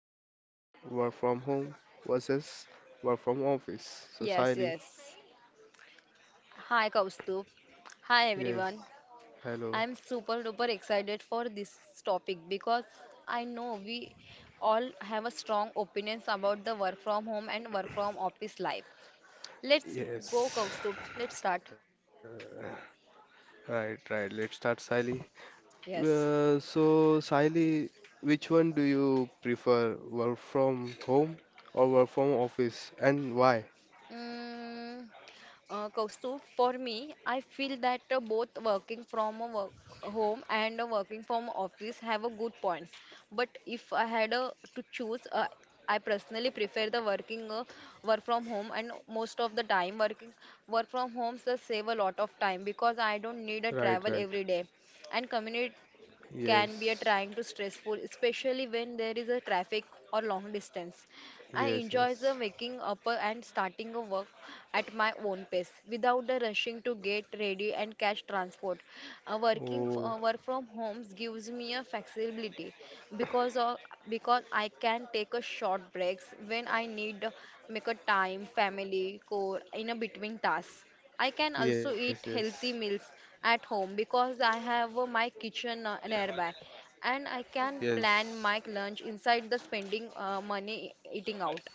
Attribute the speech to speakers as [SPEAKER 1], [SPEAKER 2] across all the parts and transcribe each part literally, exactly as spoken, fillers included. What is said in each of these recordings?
[SPEAKER 1] experience: work from home versus work from office. So,
[SPEAKER 2] Yes,
[SPEAKER 1] Siley,
[SPEAKER 2] yes. Hi, Kaustubh. Hi, everyone.
[SPEAKER 1] yes, hello,
[SPEAKER 2] I'm super duper excited for this topic because I know we all have a strong opinions about the work from home and work from office life. Let's go,
[SPEAKER 1] yes,
[SPEAKER 2] Kaustubh. Let's start.
[SPEAKER 1] right, right. Let's start, Siley.
[SPEAKER 2] Yes.
[SPEAKER 1] Uh, so, Saili, which one do you prefer? Work from home or work from office? And why?
[SPEAKER 2] Mm, uh, Kaustubh, for me, I feel that uh, both working from a work home and uh, working from office have a good points. But if I had uh, to choose, uh, I personally prefer the working uh, work from home. And most of the time, working work from homes uh, save a lot of time because I don't need a travel
[SPEAKER 1] Right,
[SPEAKER 2] every
[SPEAKER 1] right.
[SPEAKER 2] day. And commute can be a trying
[SPEAKER 1] Yes,
[SPEAKER 2] to stressful, especially when there is a traffic or long distance. I
[SPEAKER 1] yes,
[SPEAKER 2] enjoy the
[SPEAKER 1] yes.
[SPEAKER 2] waking up and starting a work at my own pace without the rushing to get ready and catch transport. Uh, working f- uh,
[SPEAKER 1] Oh,
[SPEAKER 2] work from homes gives me a flexibility because of because I can take a short breaks when I need make a time family core in a between tasks. I can also
[SPEAKER 1] yes,
[SPEAKER 2] eat
[SPEAKER 1] yes,
[SPEAKER 2] healthy meals at home because I have uh, my kitchen uh, nearby and I can plan
[SPEAKER 1] yes.
[SPEAKER 2] my lunch inside the spending uh, money e-, eating out.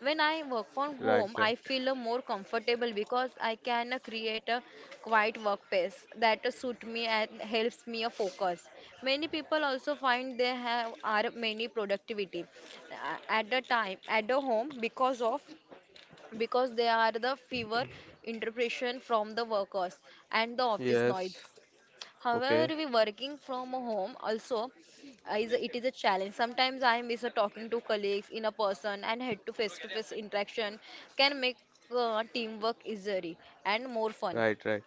[SPEAKER 2] When I work from
[SPEAKER 1] Right, right.
[SPEAKER 2] home, I feel uh, more comfortable because I can uh, create a quiet workplace that uh, suit me and helps me uh, focus. Many people also find they have are many productivity uh, at the time at the home because of because they are the fever interpretation from the workers and the office noise.
[SPEAKER 1] Yes. Okay.
[SPEAKER 2] However, we working from home also uh, is a, it is a challenge. Sometimes I miss a talking to colleagues in a person and head to face to face interaction can make uh, teamwork easier and more fun
[SPEAKER 1] Right, right.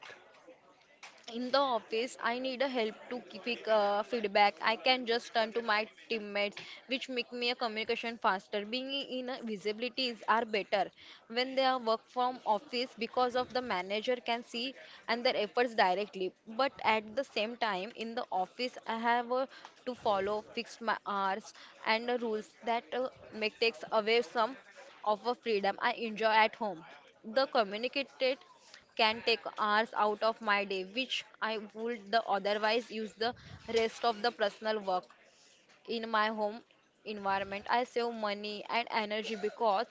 [SPEAKER 2] in the office. I need a help to keep pick uh, feedback. I can just turn to my teammates, which make me a communication faster being in a visibility is are better when they are work from office because of the manager can see and their efforts directly. But at the same time in the office I have uh, to follow fixed my hours and uh, rules that uh, make takes away some of a freedom I enjoy at home. The communicated can take hours out of my day, which I would the otherwise use the rest of the personal work in my home environment. I save money and energy because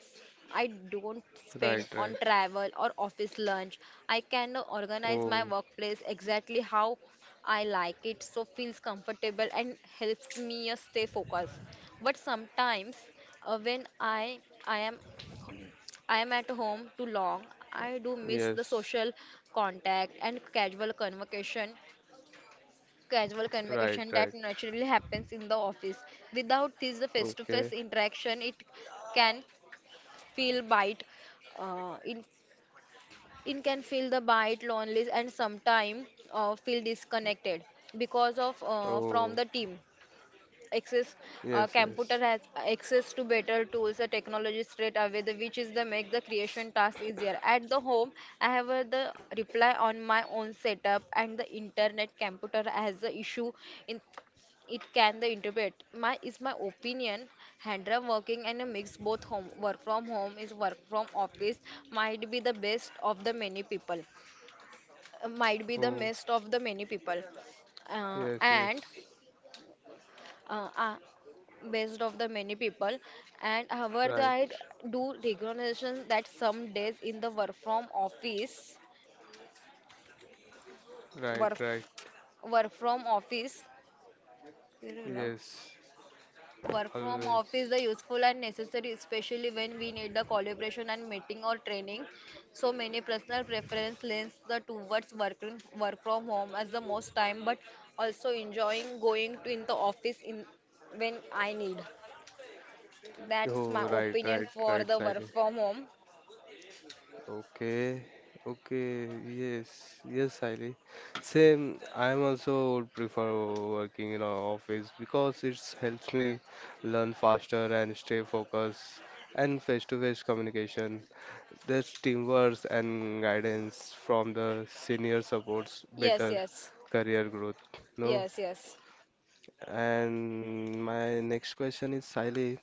[SPEAKER 2] I don't
[SPEAKER 1] Right,
[SPEAKER 2] spend
[SPEAKER 1] right.
[SPEAKER 2] on travel or office lunch. I can organize my
[SPEAKER 1] Oh,
[SPEAKER 2] workplace exactly how I like it, so feels comfortable and helps me uh, stay focused. But sometimes uh, when I I am I am at home too long. I do miss the
[SPEAKER 1] yes.
[SPEAKER 2] social contact and casual convocation, casual
[SPEAKER 1] Right,
[SPEAKER 2] convocation
[SPEAKER 1] right.
[SPEAKER 2] that naturally happens in the office. Without this
[SPEAKER 1] Okay.
[SPEAKER 2] face-to-face interaction, it can feel bite. Uh, in It can feel the bite, lonely, and sometimes uh, feel disconnected because of uh,
[SPEAKER 1] Oh,
[SPEAKER 2] from the team. Access
[SPEAKER 1] yes,
[SPEAKER 2] uh,
[SPEAKER 1] yes.
[SPEAKER 2] computer has access to better tools or technology straight away the, which is the make the creation task easier at the home. I have uh, the reply on my own setup and the internet computer has the issue in it. Can the interpret my is my opinion handrum working and a mix both home work from home is work from office might be the best of the many people uh, Might be the
[SPEAKER 1] Oh,
[SPEAKER 2] best of the many people uh,
[SPEAKER 1] yes, yes.
[SPEAKER 2] and uh, are based of the many people. and however the-
[SPEAKER 1] Right,
[SPEAKER 2] I do recognition that some days in the work from office
[SPEAKER 1] right,
[SPEAKER 2] work
[SPEAKER 1] right.
[SPEAKER 2] work from office where
[SPEAKER 1] Yes.
[SPEAKER 2] work from office
[SPEAKER 1] Always.
[SPEAKER 2] the useful and necessary, especially when we need the collaboration and meeting or training. So many personal preference lends the towards working work from home as the most time, but also enjoying going to in the office in when I need. That's
[SPEAKER 1] Oh,
[SPEAKER 2] my
[SPEAKER 1] right, right,
[SPEAKER 2] opinion
[SPEAKER 1] right,
[SPEAKER 2] for the work
[SPEAKER 1] Sally.
[SPEAKER 2] from home.
[SPEAKER 1] Okay, okay, yes, yes, Sally. Same, I am also would prefer working in an office because it helps me learn faster and stay focused and face-to-face communication. There's teamwork and guidance from the senior supports
[SPEAKER 2] Yes,
[SPEAKER 1] better
[SPEAKER 2] yes,
[SPEAKER 1] career growth. No?
[SPEAKER 2] yes, yes,
[SPEAKER 1] And my next question is, Siley,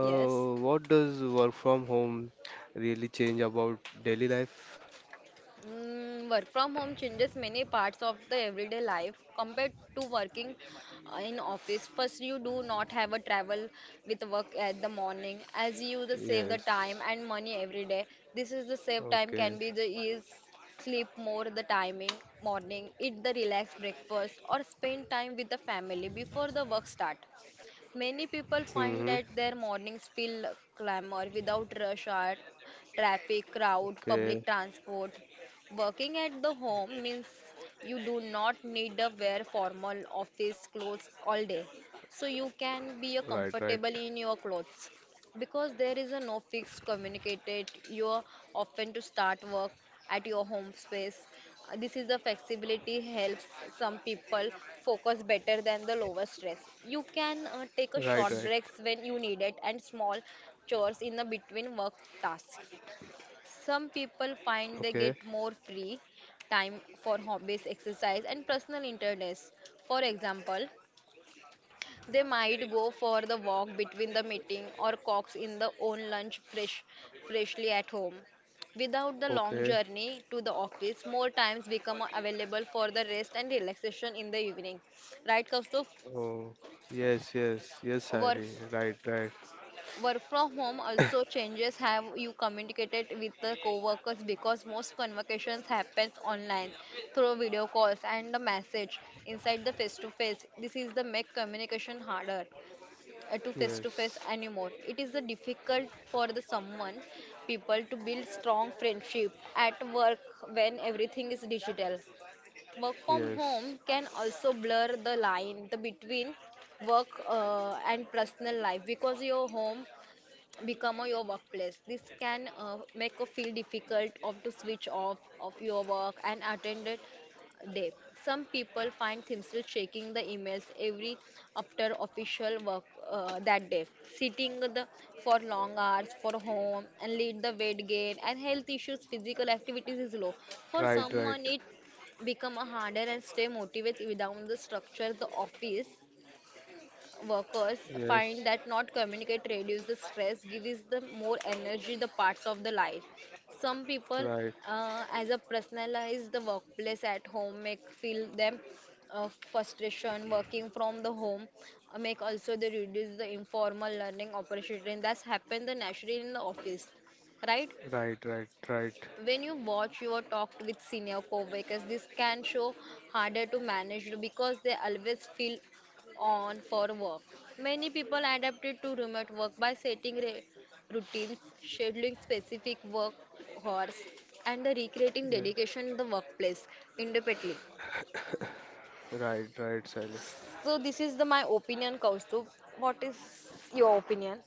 [SPEAKER 2] yes.
[SPEAKER 1] what does work from home really change about daily life?
[SPEAKER 2] Mm, work from home changes many parts of the everyday life compared to working uh, in office. First, you do not have a travel with work at the morning as you the save the
[SPEAKER 1] Yes.
[SPEAKER 2] time and money every day. This is the save time
[SPEAKER 1] Okay.
[SPEAKER 2] can be the is sleep more the timing morning, eat the relaxed breakfast or spend time with the family before the work start. Many people
[SPEAKER 1] Mm-hmm.
[SPEAKER 2] find that their mornings feel clamor without rush hour, traffic, crowd,
[SPEAKER 1] Okay.
[SPEAKER 2] public transport. Working at the home means you do not need to wear formal office clothes all day, so you can be uh,
[SPEAKER 1] Right, right.
[SPEAKER 2] comfortable in your clothes. Because there is a no fixed communicated, you are often to start work at your home space. Uh, This is the flexibility helps some people focus better than the lower stress. You can uh, take a
[SPEAKER 1] Right,
[SPEAKER 2] short
[SPEAKER 1] right.
[SPEAKER 2] breaks when you need it and small chores in the between work tasks. Some people find
[SPEAKER 1] Okay.
[SPEAKER 2] they get more free time for hobbies, exercise, and personal interests. For example, they might go for the walk between the meeting or cox in the own lunch fresh, freshly at home. Without the long
[SPEAKER 1] Okay.
[SPEAKER 2] journey to the office, more times become available for the rest and relaxation in the evening. Right, Kaustav?
[SPEAKER 1] Oh, yes, yes, yes,
[SPEAKER 2] Work
[SPEAKER 1] Siley. Right, right.
[SPEAKER 2] Work from home also changes how you communicated with the coworkers because most conversations happens online through video calls and a message inside the face to face. This is the make communication harder uh, to face to face
[SPEAKER 1] Yes,
[SPEAKER 2] anymore. It is a difficult for the someone people to build strong friendship at work when everything is digital. Work from home
[SPEAKER 1] yes,
[SPEAKER 2] can also blur the line the between work uh, and personal life because your home become uh, your workplace. This can uh, make you feel difficult of to switch off of your work and attend it day. Some people find themselves checking the emails every after official work uh, that day, sitting the, for long hours for home and lead the weight gain and health issues. Physical activities is low. For
[SPEAKER 1] right, right,
[SPEAKER 2] someone, it become a harder and stay motivated without the structure the office workers
[SPEAKER 1] yes,
[SPEAKER 2] find that not communicate reduce the stress gives them more energy the parts of the life. Some people
[SPEAKER 1] right,
[SPEAKER 2] uh, as a personalize the workplace at home make feel them uh, frustration working from the home uh, make also they reduce the informal learning opportunity and that's happened the naturally in the office, right,
[SPEAKER 1] right, right, right,
[SPEAKER 2] when you watch you or talk with senior co-workers. This can show harder to manage because they always feel on for work. Many people adapted to remote work by setting re- routines scheduling specific work hours and the recreating
[SPEAKER 1] yeah.
[SPEAKER 2] dedication in the workplace independently.
[SPEAKER 1] right, right, Siley.
[SPEAKER 2] So this is the my opinion, Kaustubh. What is your opinion?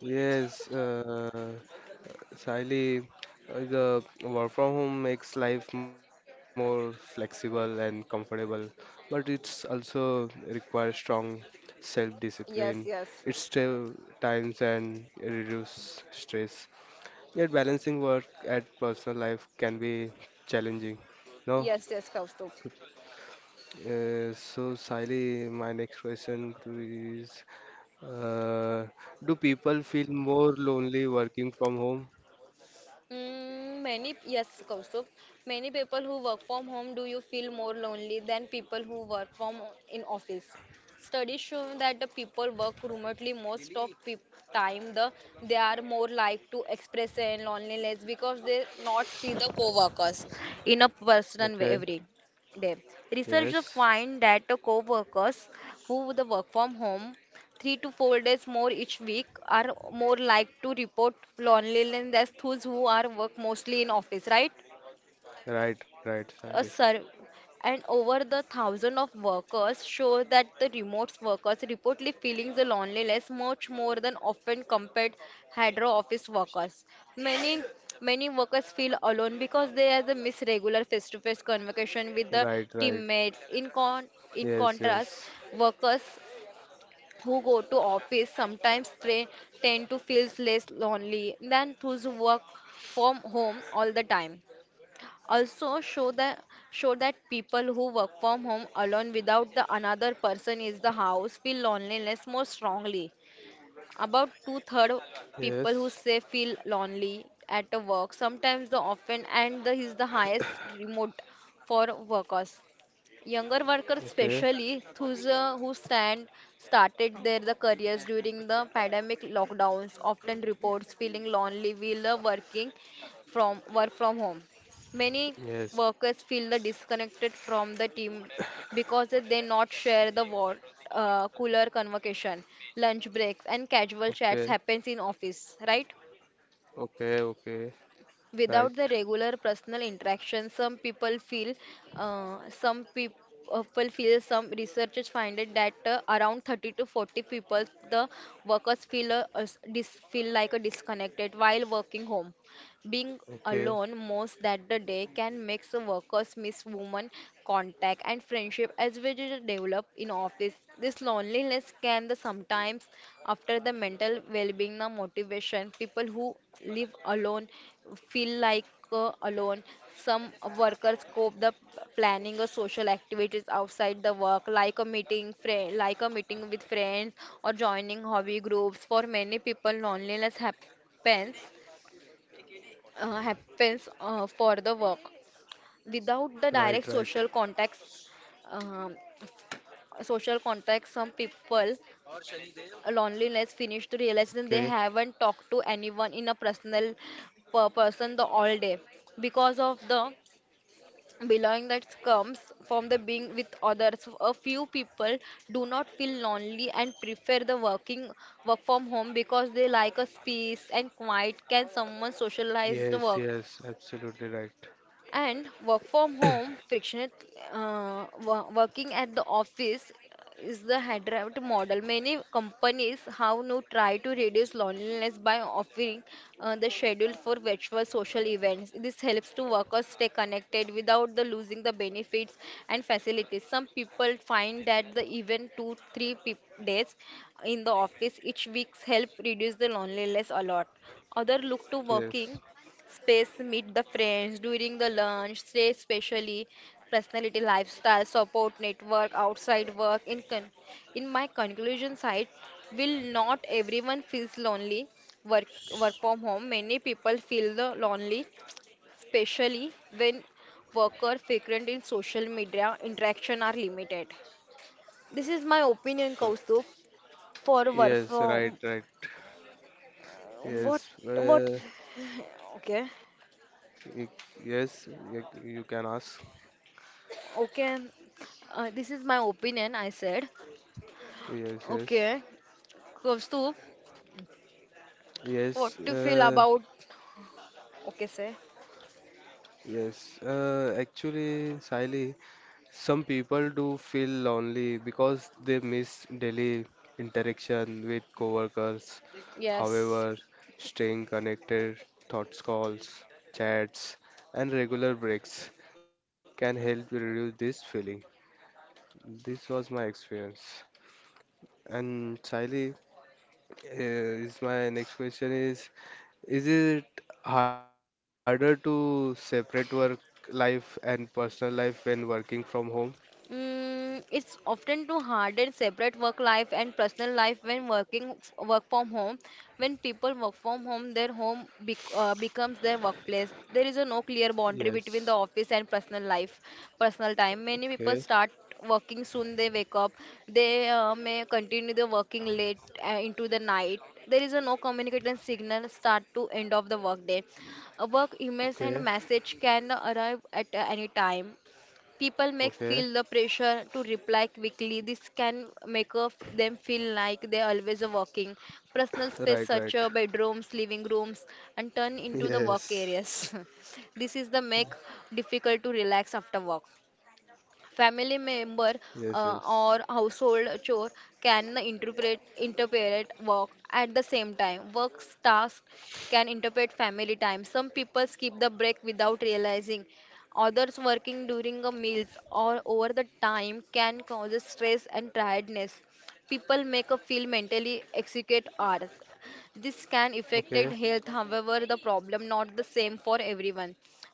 [SPEAKER 1] Yes, uh, Sahili, uh, the work from home makes life more flexible and comfortable, but it's also requires strong self-discipline.
[SPEAKER 2] Yes,
[SPEAKER 1] It
[SPEAKER 2] yes.
[SPEAKER 1] save times and reduce stress. Yet balancing work and personal life can be challenging. No,
[SPEAKER 2] Yes, yes, Kaustubh.
[SPEAKER 1] uh, so Sahili, my next question to you is, uh, do people feel more lonely working from home?
[SPEAKER 2] Mm, many, yes, Kaustubh. Many people who work from home, do you feel more lonely than people who work from in office? Studies show that the people work remotely most of peop time. The they are more like to express their loneliness because they not see the co-workers in a person way
[SPEAKER 1] Okay,
[SPEAKER 2] every day. Researchers
[SPEAKER 1] yes.
[SPEAKER 2] find that the co-workers who the work from home three to four days more each week are more like to report loneliness than those who are work mostly in office, right?
[SPEAKER 1] Right, right, Sally.
[SPEAKER 2] A sur- and Over the thousand of workers show that the remote workers reportedly feeling the loneliness much more than often compared hydro office workers. Many Many workers feel alone because they are the miss regular face-to-face conversation with the
[SPEAKER 1] Right, right.
[SPEAKER 2] teammates. In con in
[SPEAKER 1] Yes,
[SPEAKER 2] contrast,
[SPEAKER 1] yes.
[SPEAKER 2] workers who go to office sometimes they tend to feel less lonely than those who work from home all the time. Also show that show that people who work from home alone without the another person is the house feel loneliness more strongly. About two-third
[SPEAKER 1] Yes.
[SPEAKER 2] people who say feel lonely at the work sometimes the often and the is the highest remote for workers. Younger workers,
[SPEAKER 1] Okay.
[SPEAKER 2] especially those uh, who stand started their the careers during the pandemic lockdowns, often reports feeling lonely while uh, working from work from home. Many
[SPEAKER 1] Yes.
[SPEAKER 2] workers feel the disconnected from the team because they not share the what uh, cooler convocation lunch breaks and casual
[SPEAKER 1] Okay.
[SPEAKER 2] chats happens in office, right?
[SPEAKER 1] Okay, okay. Right.
[SPEAKER 2] Without the regular personal interaction, some people feel uh, some peop- uh, people feel some researchers find it that uh, around thirty to forty people the workers feel a, a s- dis, feel like a disconnected while working home. Being
[SPEAKER 1] Okay.
[SPEAKER 2] alone most that the day can make the workers miss women contact and friendship as we did develop in office. This loneliness can the sometimes after the mental well-being the motivation. People who live alone feel like uh, alone. Some workers cope the planning of social activities outside the work, like a meeting, friend, like a meeting with friends or joining hobby groups. For many people, loneliness happens uh, happens uh, for the work
[SPEAKER 1] Right,
[SPEAKER 2] without the
[SPEAKER 1] right.
[SPEAKER 2] direct social contacts um, social contact some people uh, loneliness finish to realize
[SPEAKER 1] Okay.
[SPEAKER 2] that they haven't talked to anyone in a personal per person the all day because of the belonging that comes from the being with others. A few people do not feel lonely and prefer the working work from home because they like a space and quiet can someone socialize the
[SPEAKER 1] Yes,
[SPEAKER 2] work.
[SPEAKER 1] yes. Absolutely right.
[SPEAKER 2] And work from home, friction. Uh, wo- working at the office is the hybrid model. Many companies have now tried to reduce loneliness by offering uh, the schedule for virtual social events. This helps to workers stay connected without the losing the benefits and facilities. Some people find that the even two, three peop days in the office each week help reduce the loneliness a lot. Other look to
[SPEAKER 1] Yes.
[SPEAKER 2] working space meet the friends during the lunch, stay especially personality, lifestyle, support network, outside work. In con- in my conclusion side, will not everyone feels lonely work work from home. Many people feel the lonely, especially when worker frequent in social media interaction are limited. This is my opinion,
[SPEAKER 1] Uh,
[SPEAKER 2] Kaustubh, for work
[SPEAKER 1] Yes, right,
[SPEAKER 2] from
[SPEAKER 1] right.
[SPEAKER 2] what
[SPEAKER 1] Yes.
[SPEAKER 2] what
[SPEAKER 1] Uh,
[SPEAKER 2] okay.
[SPEAKER 1] y- yes, y- you can ask.
[SPEAKER 2] Okay, uh, this is my opinion, I said.
[SPEAKER 1] Yes, yes.
[SPEAKER 2] Okay, Kaustuv, what
[SPEAKER 1] Yes,
[SPEAKER 2] do you feel
[SPEAKER 1] uh,
[SPEAKER 2] about? Okay, say.
[SPEAKER 1] yes. Uh, actually, Siley. Some people do feel lonely because they miss daily interaction with coworkers.
[SPEAKER 2] Yes.
[SPEAKER 1] However, staying connected, thoughts calls, chats, and regular breaks can help reduce this feeling. This was my experience. And Sally, uh, is my next question is: Is it harder to separate work life and personal life when working from home?
[SPEAKER 2] Mm, it's often too hard and separate work life and personal life when working f- work from home. When people work from home, their home bec uh, becomes their workplace. There is a no clear boundary between
[SPEAKER 1] Yes.
[SPEAKER 2] the office and personal life, personal time. Many people
[SPEAKER 1] Okay.
[SPEAKER 2] start working soon they wake up. They uh, may continue the working late uh, into the night. There is a no communication signal start to end of the workday. Uh, work emails
[SPEAKER 1] Okay.
[SPEAKER 2] and message can arrive at uh, any time. People may
[SPEAKER 1] Okay.
[SPEAKER 2] feel the pressure to reply quickly. This can make of them feel like they're always working. Personal space
[SPEAKER 1] Right,
[SPEAKER 2] such
[SPEAKER 1] right.
[SPEAKER 2] as bedrooms, living rooms, and turn into the work
[SPEAKER 1] Yes.
[SPEAKER 2] areas. this is the make difficult to relax after work family member
[SPEAKER 1] Yes,
[SPEAKER 2] uh,
[SPEAKER 1] yes.
[SPEAKER 2] or household chore can interpret interpret work at the same time work tasks can interpret family time. Some people skip the break without realizing others working during the meals or over the time can cause stress and tiredness. People make a feel mentally execute hours. This can affect
[SPEAKER 1] Okay.
[SPEAKER 2] health. However, the problem not the same for everyone.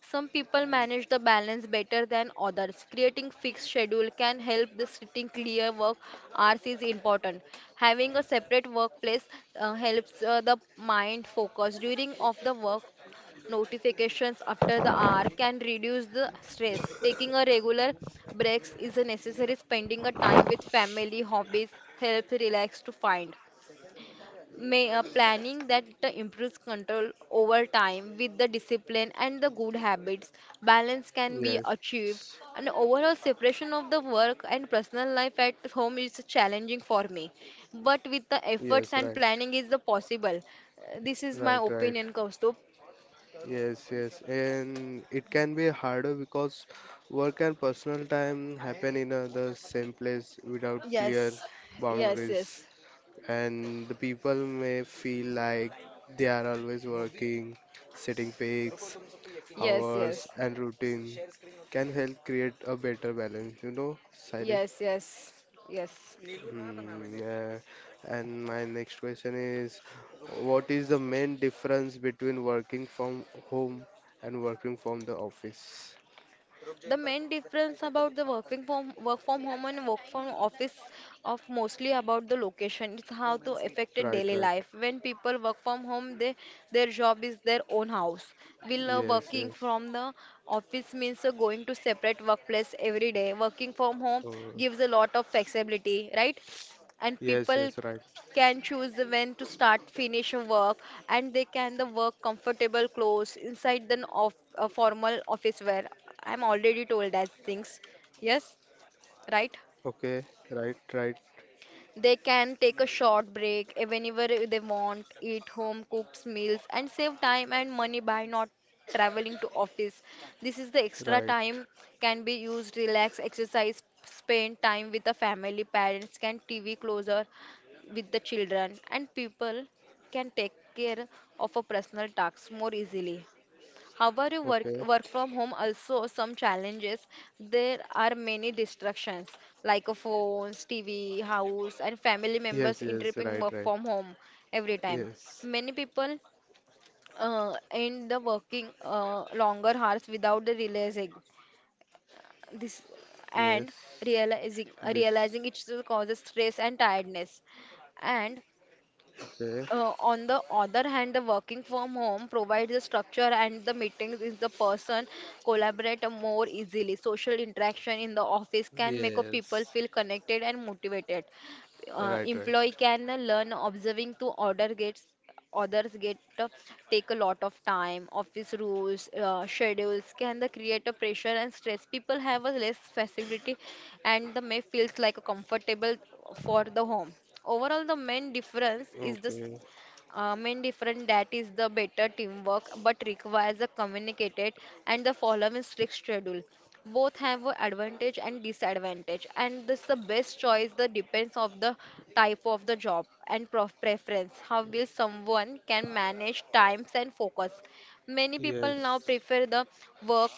[SPEAKER 2] Some people manage the balance better than others. Creating fixed schedule can help the setting clear work hours is important. Having a separate workplace uh, helps uh, the mind focus during of the work. Notifications after the hour can reduce the stress. Taking a regular breaks is a necessary. Spending a time with family, hobbies helps relax to find may uh, planning that uh, improves control over time with the discipline and the good habits balance can be
[SPEAKER 1] Yes.
[SPEAKER 2] achieved. An overall separation of the work and personal life at home is challenging for me, but with the
[SPEAKER 1] Yes,
[SPEAKER 2] efforts
[SPEAKER 1] right.
[SPEAKER 2] and planning is the possible. Uh, this is my
[SPEAKER 1] Right, right.
[SPEAKER 2] opinion, Kaustup.
[SPEAKER 1] Yes, yes. And it can be harder because work and personal time happen in uh, the same place without clear
[SPEAKER 2] Yes, yes,
[SPEAKER 1] boundaries.
[SPEAKER 2] yes,
[SPEAKER 1] And the people may feel like they are always working, setting peaks,
[SPEAKER 2] yes,
[SPEAKER 1] hours,
[SPEAKER 2] yes,
[SPEAKER 1] and routine can help create a better balance, you know, Sally?
[SPEAKER 2] yes, yes, yes.
[SPEAKER 1] नीलू ना बनावे Mm, नीलू yeah. बस And my next question is, रुको what is the main difference between working from home and working from the office?
[SPEAKER 2] The main difference about the working from work from home and work from office of mostly about the location. It's how to affect a
[SPEAKER 1] Right,
[SPEAKER 2] daily
[SPEAKER 1] right.
[SPEAKER 2] life. When people work from home, they their job is their own house. Will uh,
[SPEAKER 1] Yes,
[SPEAKER 2] working
[SPEAKER 1] yes.
[SPEAKER 2] from the office means uh, going to separate workplace every day. Working from home
[SPEAKER 1] Oh,
[SPEAKER 2] gives a lot of flexibility, right? And
[SPEAKER 1] yes,
[SPEAKER 2] people
[SPEAKER 1] yes, right.
[SPEAKER 2] can choose the when to start finish a work, and they can the work comfortable clothes inside the of a formal office wear. I'm already told that things. Yes, right.
[SPEAKER 1] Okay, right, right,
[SPEAKER 2] They can take a short break eh, whenever eh, they want, eat home cooked meals, and save time and money by not traveling to office. This is the extra
[SPEAKER 1] right.
[SPEAKER 2] time can be used relax, exercise, spend time with the family, parents can T V closer with the children, and people can take care of a personal tasks more easily. However, work,
[SPEAKER 1] Okay.
[SPEAKER 2] work from home also some challenges. There are many distractions like a phones, T V, house, and family
[SPEAKER 1] Yes,
[SPEAKER 2] members
[SPEAKER 1] yes,
[SPEAKER 2] interrupting
[SPEAKER 1] right,
[SPEAKER 2] work
[SPEAKER 1] right.
[SPEAKER 2] from home every time.
[SPEAKER 1] Yes,
[SPEAKER 2] Many people uh, end the working uh, longer hours without the realizing this
[SPEAKER 1] yes.
[SPEAKER 2] and realizing
[SPEAKER 1] This.
[SPEAKER 2] realizing it still causes stress and tiredness. And
[SPEAKER 1] Okay.
[SPEAKER 2] uh, on the other hand, the working from home provides the structure and the meetings is the person collaborate more easily. Social interaction in the office can make a people
[SPEAKER 1] Yes.
[SPEAKER 2] feel connected and motivated. Uh,
[SPEAKER 1] Right,
[SPEAKER 2] employee
[SPEAKER 1] right.
[SPEAKER 2] can learn observing to order gets others get uh, take a lot of time office rules uh, schedules can the create a pressure and stress. People have a less flexibility and the may feels like a comfortable for the home. Overall, the main difference
[SPEAKER 1] Okay.
[SPEAKER 2] is this. Um, in different that is the better teamwork but requires a communicated and the following strict schedule. Both have a advantage and disadvantage, and this the best choice the depends of the type of the job and prof- preference how will someone can manage times and focus. Many people now
[SPEAKER 1] Yes.
[SPEAKER 2] prefer the work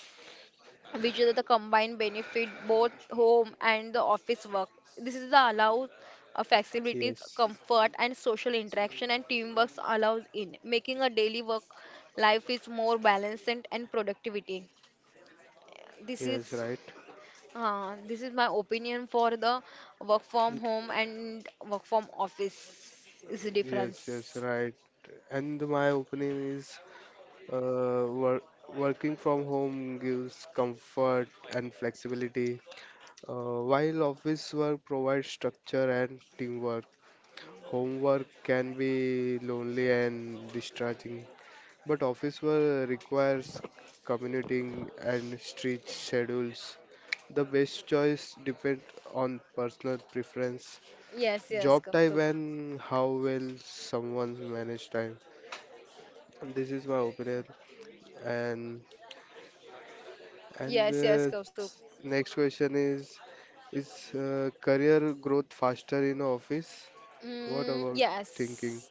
[SPEAKER 2] which is the combined benefit both home and the office work. This is the allows uh,
[SPEAKER 1] Yes.
[SPEAKER 2] flexibilities, comfort, and social interaction and teamwork allows in making a daily work life is more balanced and and productivity. This
[SPEAKER 1] Yes, right.
[SPEAKER 2] is uh, this is my opinion for the work from home and work from office is the difference.
[SPEAKER 1] Yes, yes, right. And my opinion is uh, wor- working from home gives comfort and flexibility, uh, while office work provides structure and teamwork. Homework can be lonely and distracting, but office work requires commuting and strict schedules. The best choice depends on personal preference,
[SPEAKER 2] Yes, yes,
[SPEAKER 1] job type,
[SPEAKER 2] Kaustup.
[SPEAKER 1] and how well someone manages time. This is my opinion, and and
[SPEAKER 2] Yes, yes,
[SPEAKER 1] uh, s-
[SPEAKER 2] Kaustup.
[SPEAKER 1] next question is is uh, career growth faster in office? What
[SPEAKER 2] Mm,
[SPEAKER 1] about thinking?
[SPEAKER 2] yes.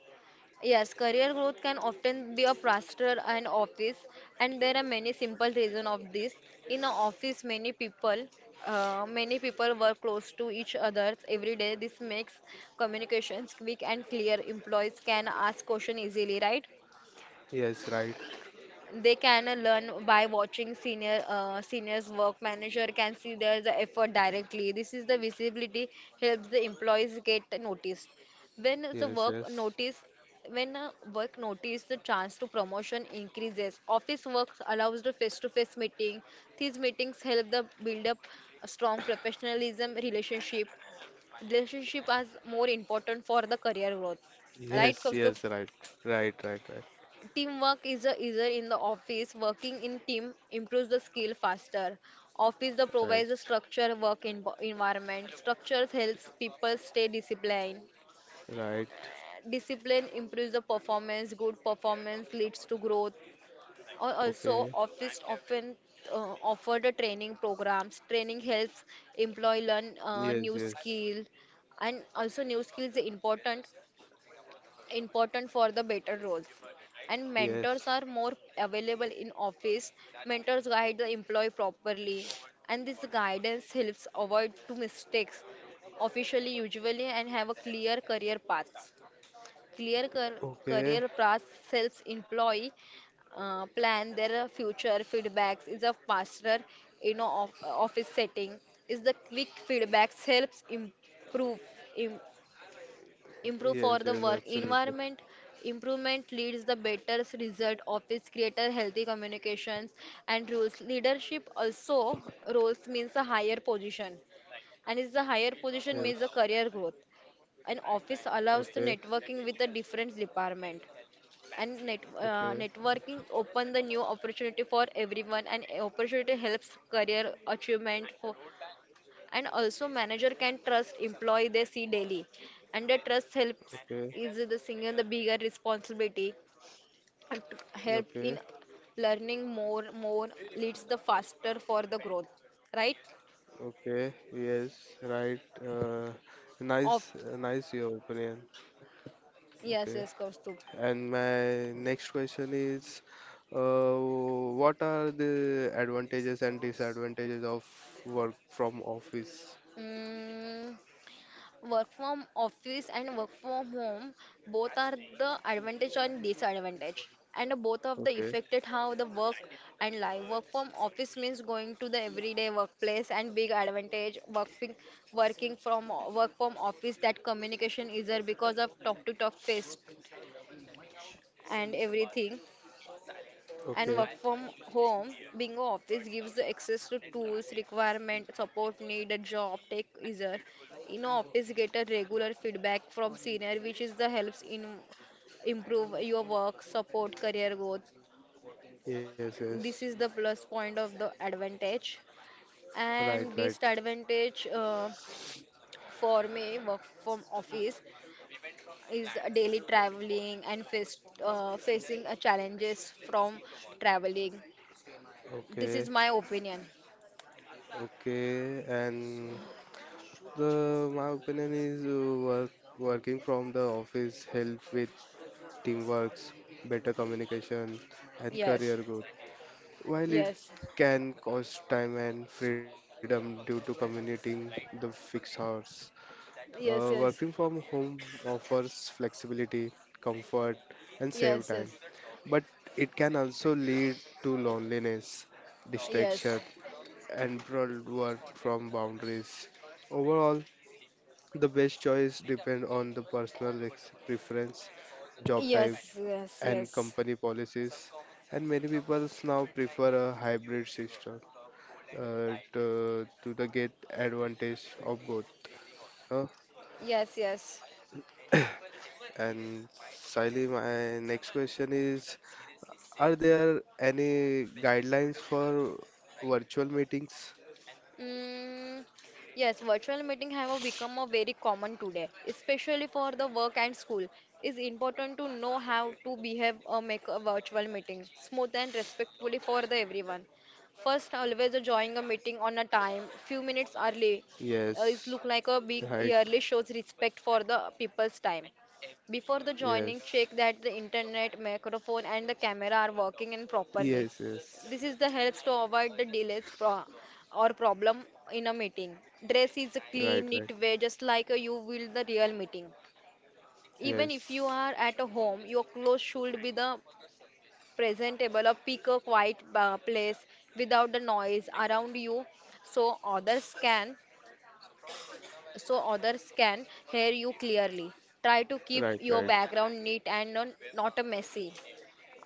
[SPEAKER 2] Yes, career growth can often be a faster and office, and there are many simple reasons of this. In an office, many people, uh, many people work close to each other every day. This makes communications quick and clear. Employees can ask questions easily, right?
[SPEAKER 1] Yes, right.
[SPEAKER 2] They can uh, learn by watching senior uh, seniors work manager can see their the effort directly. This is the visibility helps the employees get noticed when the
[SPEAKER 1] Yes,
[SPEAKER 2] work
[SPEAKER 1] yes,
[SPEAKER 2] notice when uh, work notice the chance to promotion increases. Office works allows the face to face meeting. These meetings help the build up a strong professionalism relationship relationship as more important for the career growth,
[SPEAKER 1] yes,
[SPEAKER 2] right,
[SPEAKER 1] yes,
[SPEAKER 2] Kaustubh?
[SPEAKER 1] right, right, right,
[SPEAKER 2] Teamwork is a easier in the office. Working in team improves the skill faster. Office the
[SPEAKER 1] right, right,
[SPEAKER 2] provides a structure work in environment. Structures helps people stay disciplined.
[SPEAKER 1] right.
[SPEAKER 2] Discipline improves the performance. Good performance leads to growth. Al- Also,
[SPEAKER 1] Okay.
[SPEAKER 2] office often uh, offer the training programs. Training helps employee learn uh,
[SPEAKER 1] Yes,
[SPEAKER 2] new
[SPEAKER 1] yes,
[SPEAKER 2] skill, and also new skills are important important for the better roles, and
[SPEAKER 1] yes.
[SPEAKER 2] mentors are more available in office. Mentors guide the employee properly, and this guidance helps avoid two mistakes. Officially usually and have a clear career paths. clear car- Career
[SPEAKER 1] Okay.
[SPEAKER 2] paths helps employee uh, plan their future. Feedbacks is a faster, you know of, office setting is the quick feedbacks helps improve improve for
[SPEAKER 1] Yes,
[SPEAKER 2] the
[SPEAKER 1] yes,
[SPEAKER 2] work
[SPEAKER 1] absolutely.
[SPEAKER 2] environment. Improvement leads the better result. Office creator healthy communications and rules leadership also roles means a higher position and is the higher position
[SPEAKER 1] Yes.
[SPEAKER 2] means a career growth. An office allows the
[SPEAKER 1] Okay.
[SPEAKER 2] networking with a different department, and net, uh,
[SPEAKER 1] Okay.
[SPEAKER 2] networking open the new opportunity for everyone, and opportunity helps career achievement for. And also manager can trust employee they see daily, and the trust helps
[SPEAKER 1] Okay.
[SPEAKER 2] is the singer the bigger responsibility and to help in
[SPEAKER 1] Okay.
[SPEAKER 2] learning more more leads the faster for the growth, right?
[SPEAKER 1] Okay, yes, right. Uh,
[SPEAKER 2] Of
[SPEAKER 1] nice, uh, nice your opinion.
[SPEAKER 2] yes,
[SPEAKER 1] Okay,
[SPEAKER 2] yes, Kaustubh.
[SPEAKER 1] and my next question is, uh, what are the advantages and disadvantages of work from office?
[SPEAKER 2] Mm, work from office and work from home both are the advantage and disadvantage. And both of the
[SPEAKER 1] Okay,
[SPEAKER 2] affected how the work and life. Work from office means going to the everyday workplace and big advantage working working from work from office that communication is there because of talk to talk face and everything, and
[SPEAKER 1] okay,
[SPEAKER 2] work from home being office gives the access to tools requirement support needed job take easier. In office get a regular feedback from senior which is the helps in improve your work support career growth.
[SPEAKER 1] yes, yes,
[SPEAKER 2] This is the plus point of the advantage.
[SPEAKER 1] right,
[SPEAKER 2] And
[SPEAKER 1] right.
[SPEAKER 2] disadvantage uh, for me work from office is daily traveling and face, uh, facing uh, challenges from traveling. This is
[SPEAKER 1] Okay,
[SPEAKER 2] my opinion.
[SPEAKER 1] okay, and the my opinion is uh, work working from the office help with teamworks, better communication, and
[SPEAKER 2] Yes,
[SPEAKER 1] career growth. While it
[SPEAKER 2] yes,
[SPEAKER 1] can cost time and freedom due to commuting the fixed hours, uh,
[SPEAKER 2] yes,
[SPEAKER 1] working
[SPEAKER 2] yes,
[SPEAKER 1] from home offers flexibility, comfort, and save
[SPEAKER 2] yes,
[SPEAKER 1] time. But it can also lead to loneliness,
[SPEAKER 2] yes,
[SPEAKER 1] distraction, and broad work from boundaries. Overall, the best choice depends on the personal ex- preference, job
[SPEAKER 2] yes,
[SPEAKER 1] type,
[SPEAKER 2] yes, yes,
[SPEAKER 1] and
[SPEAKER 2] yes,
[SPEAKER 1] company policies. And many people now prefer a hybrid system uh, to, to the get advantage of both. Uh,
[SPEAKER 2] yes, yes.
[SPEAKER 1] and Saili, my next question is, are there any guidelines for virtual meetings?
[SPEAKER 2] Mm, yes, virtual meeting have become a very common today, especially for the work and school. It's important to know how to behave or make a virtual meeting smooth and respectfully for the everyone. First, always join a meeting on a time, few minutes early. Uh,
[SPEAKER 1] Yes,
[SPEAKER 2] it look like a being
[SPEAKER 1] right.
[SPEAKER 2] early shows respect for the people's time. Before the joining,
[SPEAKER 1] Yes,
[SPEAKER 2] check that the internet, microphone, and the camera are working and
[SPEAKER 1] yes,
[SPEAKER 2] properly.
[SPEAKER 1] yes.
[SPEAKER 2] This is the helps to avoid the delays pro or problem in a meeting. Dress is
[SPEAKER 1] Right,
[SPEAKER 2] clean,
[SPEAKER 1] right.
[SPEAKER 2] neat way, just like you will the real meeting. Even if you
[SPEAKER 1] Yes,
[SPEAKER 2] are at a home, your clothes should be the presentable or pick a quiet uh, place without the noise around you so others can so others can hear you clearly. Try to keep
[SPEAKER 1] right,
[SPEAKER 2] your
[SPEAKER 1] right.
[SPEAKER 2] background neat and non- not a messy.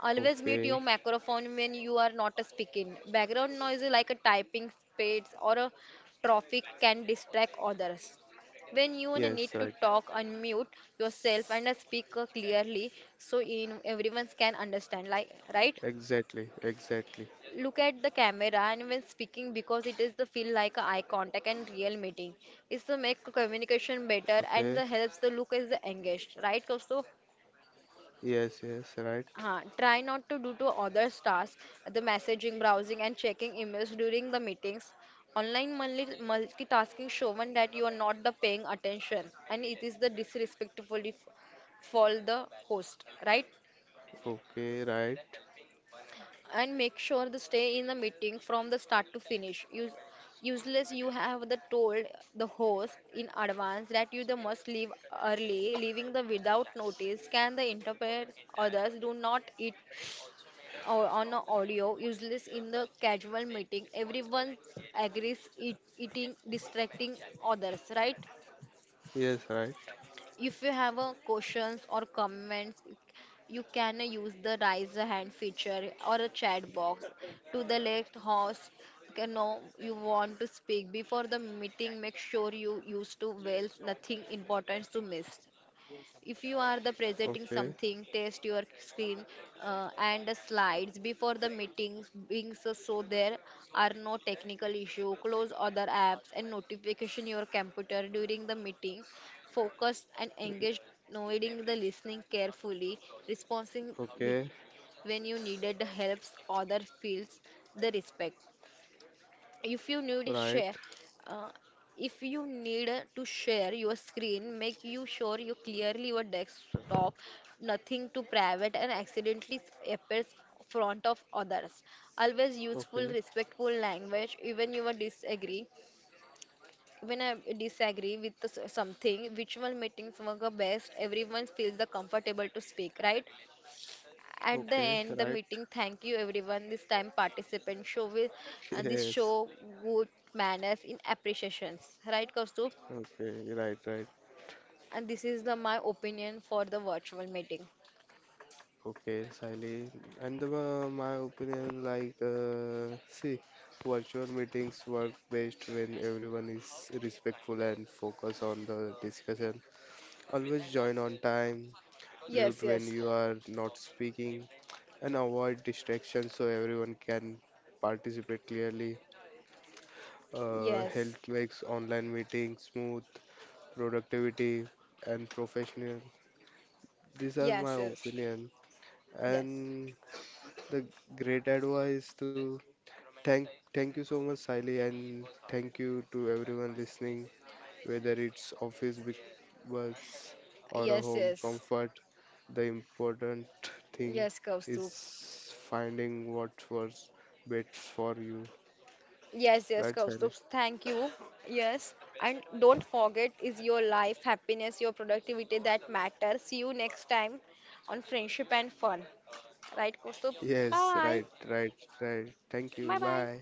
[SPEAKER 2] Always mute your
[SPEAKER 1] Okay.
[SPEAKER 2] microphone when you are not speaking. Background noise like a typing spades or a traffic can distract others. When you need
[SPEAKER 1] Yes,
[SPEAKER 2] to
[SPEAKER 1] right.
[SPEAKER 2] talk, unmute yourself and speak clearly so in everyone can understand. Like right?
[SPEAKER 1] Exactly, exactly.
[SPEAKER 2] Look at the camera and when speaking because it is the feel like a eye contact and real meeting. It's to make communication better
[SPEAKER 1] Okay.
[SPEAKER 2] and the helps the look is the engaged. Right, Kaustav?
[SPEAKER 1] Yes, yes, right.
[SPEAKER 2] Uh, try not to do to others tasks, the messaging, browsing, and checking emails during the meetings. Online multi- multitasking shown that you are not the paying attention, and it is the disrespectful if- for the host, right?
[SPEAKER 1] Okay, right.
[SPEAKER 2] And make sure to stay in the meeting from the start to finish. Use, useless, you have the told the host in advance that you the must leave early. Leaving the without notice can the interpret others do not eat or on a audio useless in the casual meeting everyone agrees eat, eating distracting others, right?
[SPEAKER 1] Yes, right.
[SPEAKER 2] If you have a questions or comments you can use the raise a hand feature or a chat box to the left host. Okay, no you want to speak before the meeting make sure you use to well nothing important to miss. If you are the
[SPEAKER 1] Okay,
[SPEAKER 2] presenting something, test your screen uh, and the slides before the meetings, being so, so there are no technical issue. Close other apps and notification your computer during the meeting. Focus and engage, knowing the listening carefully, responding bit-
[SPEAKER 1] okay,
[SPEAKER 2] when you needed helps. Other feels the respect. If you need to
[SPEAKER 1] right.
[SPEAKER 2] share, uh, if you need to share your screen, make you sure you clearly your desktop, nothing to private and accidentally appears front of others. Always useful,
[SPEAKER 1] Okay,
[SPEAKER 2] respectful language, even you are disagree. Even I disagree with s- something, virtual meetings work best. Everyone feels the comfortable to speak, right? At the
[SPEAKER 1] okay,
[SPEAKER 2] end, the
[SPEAKER 1] right.
[SPEAKER 2] meeting, thank you everyone. This time, participants show with and this
[SPEAKER 1] Yes.
[SPEAKER 2] show good manners in appreciations, right, Kaustup?
[SPEAKER 1] Okay, right, right.
[SPEAKER 2] And this is the my opinion for the virtual meeting.
[SPEAKER 1] Okay, Sally. And the, uh, my opinion, like, uh, see, virtual meetings work best when everyone is respectful and focus on the discussion. Always join on time, mute
[SPEAKER 2] Yes,
[SPEAKER 1] when
[SPEAKER 2] yes.
[SPEAKER 1] you are not speaking, and avoid distractions so everyone can participate clearly. Uh,
[SPEAKER 2] Yes,
[SPEAKER 1] health makes online meetings smooth, productivity, and professional. These are my
[SPEAKER 2] yes, yes.
[SPEAKER 1] opinion.
[SPEAKER 2] yes,
[SPEAKER 1] And the great advice to thank thank you so much, Siley, and thank you to everyone listening. Whether it's office wi- bus or a
[SPEAKER 2] yes,
[SPEAKER 1] home
[SPEAKER 2] yes.
[SPEAKER 1] comfort, the important thing
[SPEAKER 2] Yes,
[SPEAKER 1] is
[SPEAKER 2] Kaustup.
[SPEAKER 1] finding what works best for you.
[SPEAKER 2] Yes, yes,
[SPEAKER 1] Right, Sally?
[SPEAKER 2] Kaustup. Thank you. Yes, and don't forget, is your life, happiness, your productivity that matters. See you next time on friendship and fun, right, Kaustup?
[SPEAKER 1] Yes, right,
[SPEAKER 2] Bye.
[SPEAKER 1] right, right. Thank you.
[SPEAKER 2] Bye bye.
[SPEAKER 1] Bye.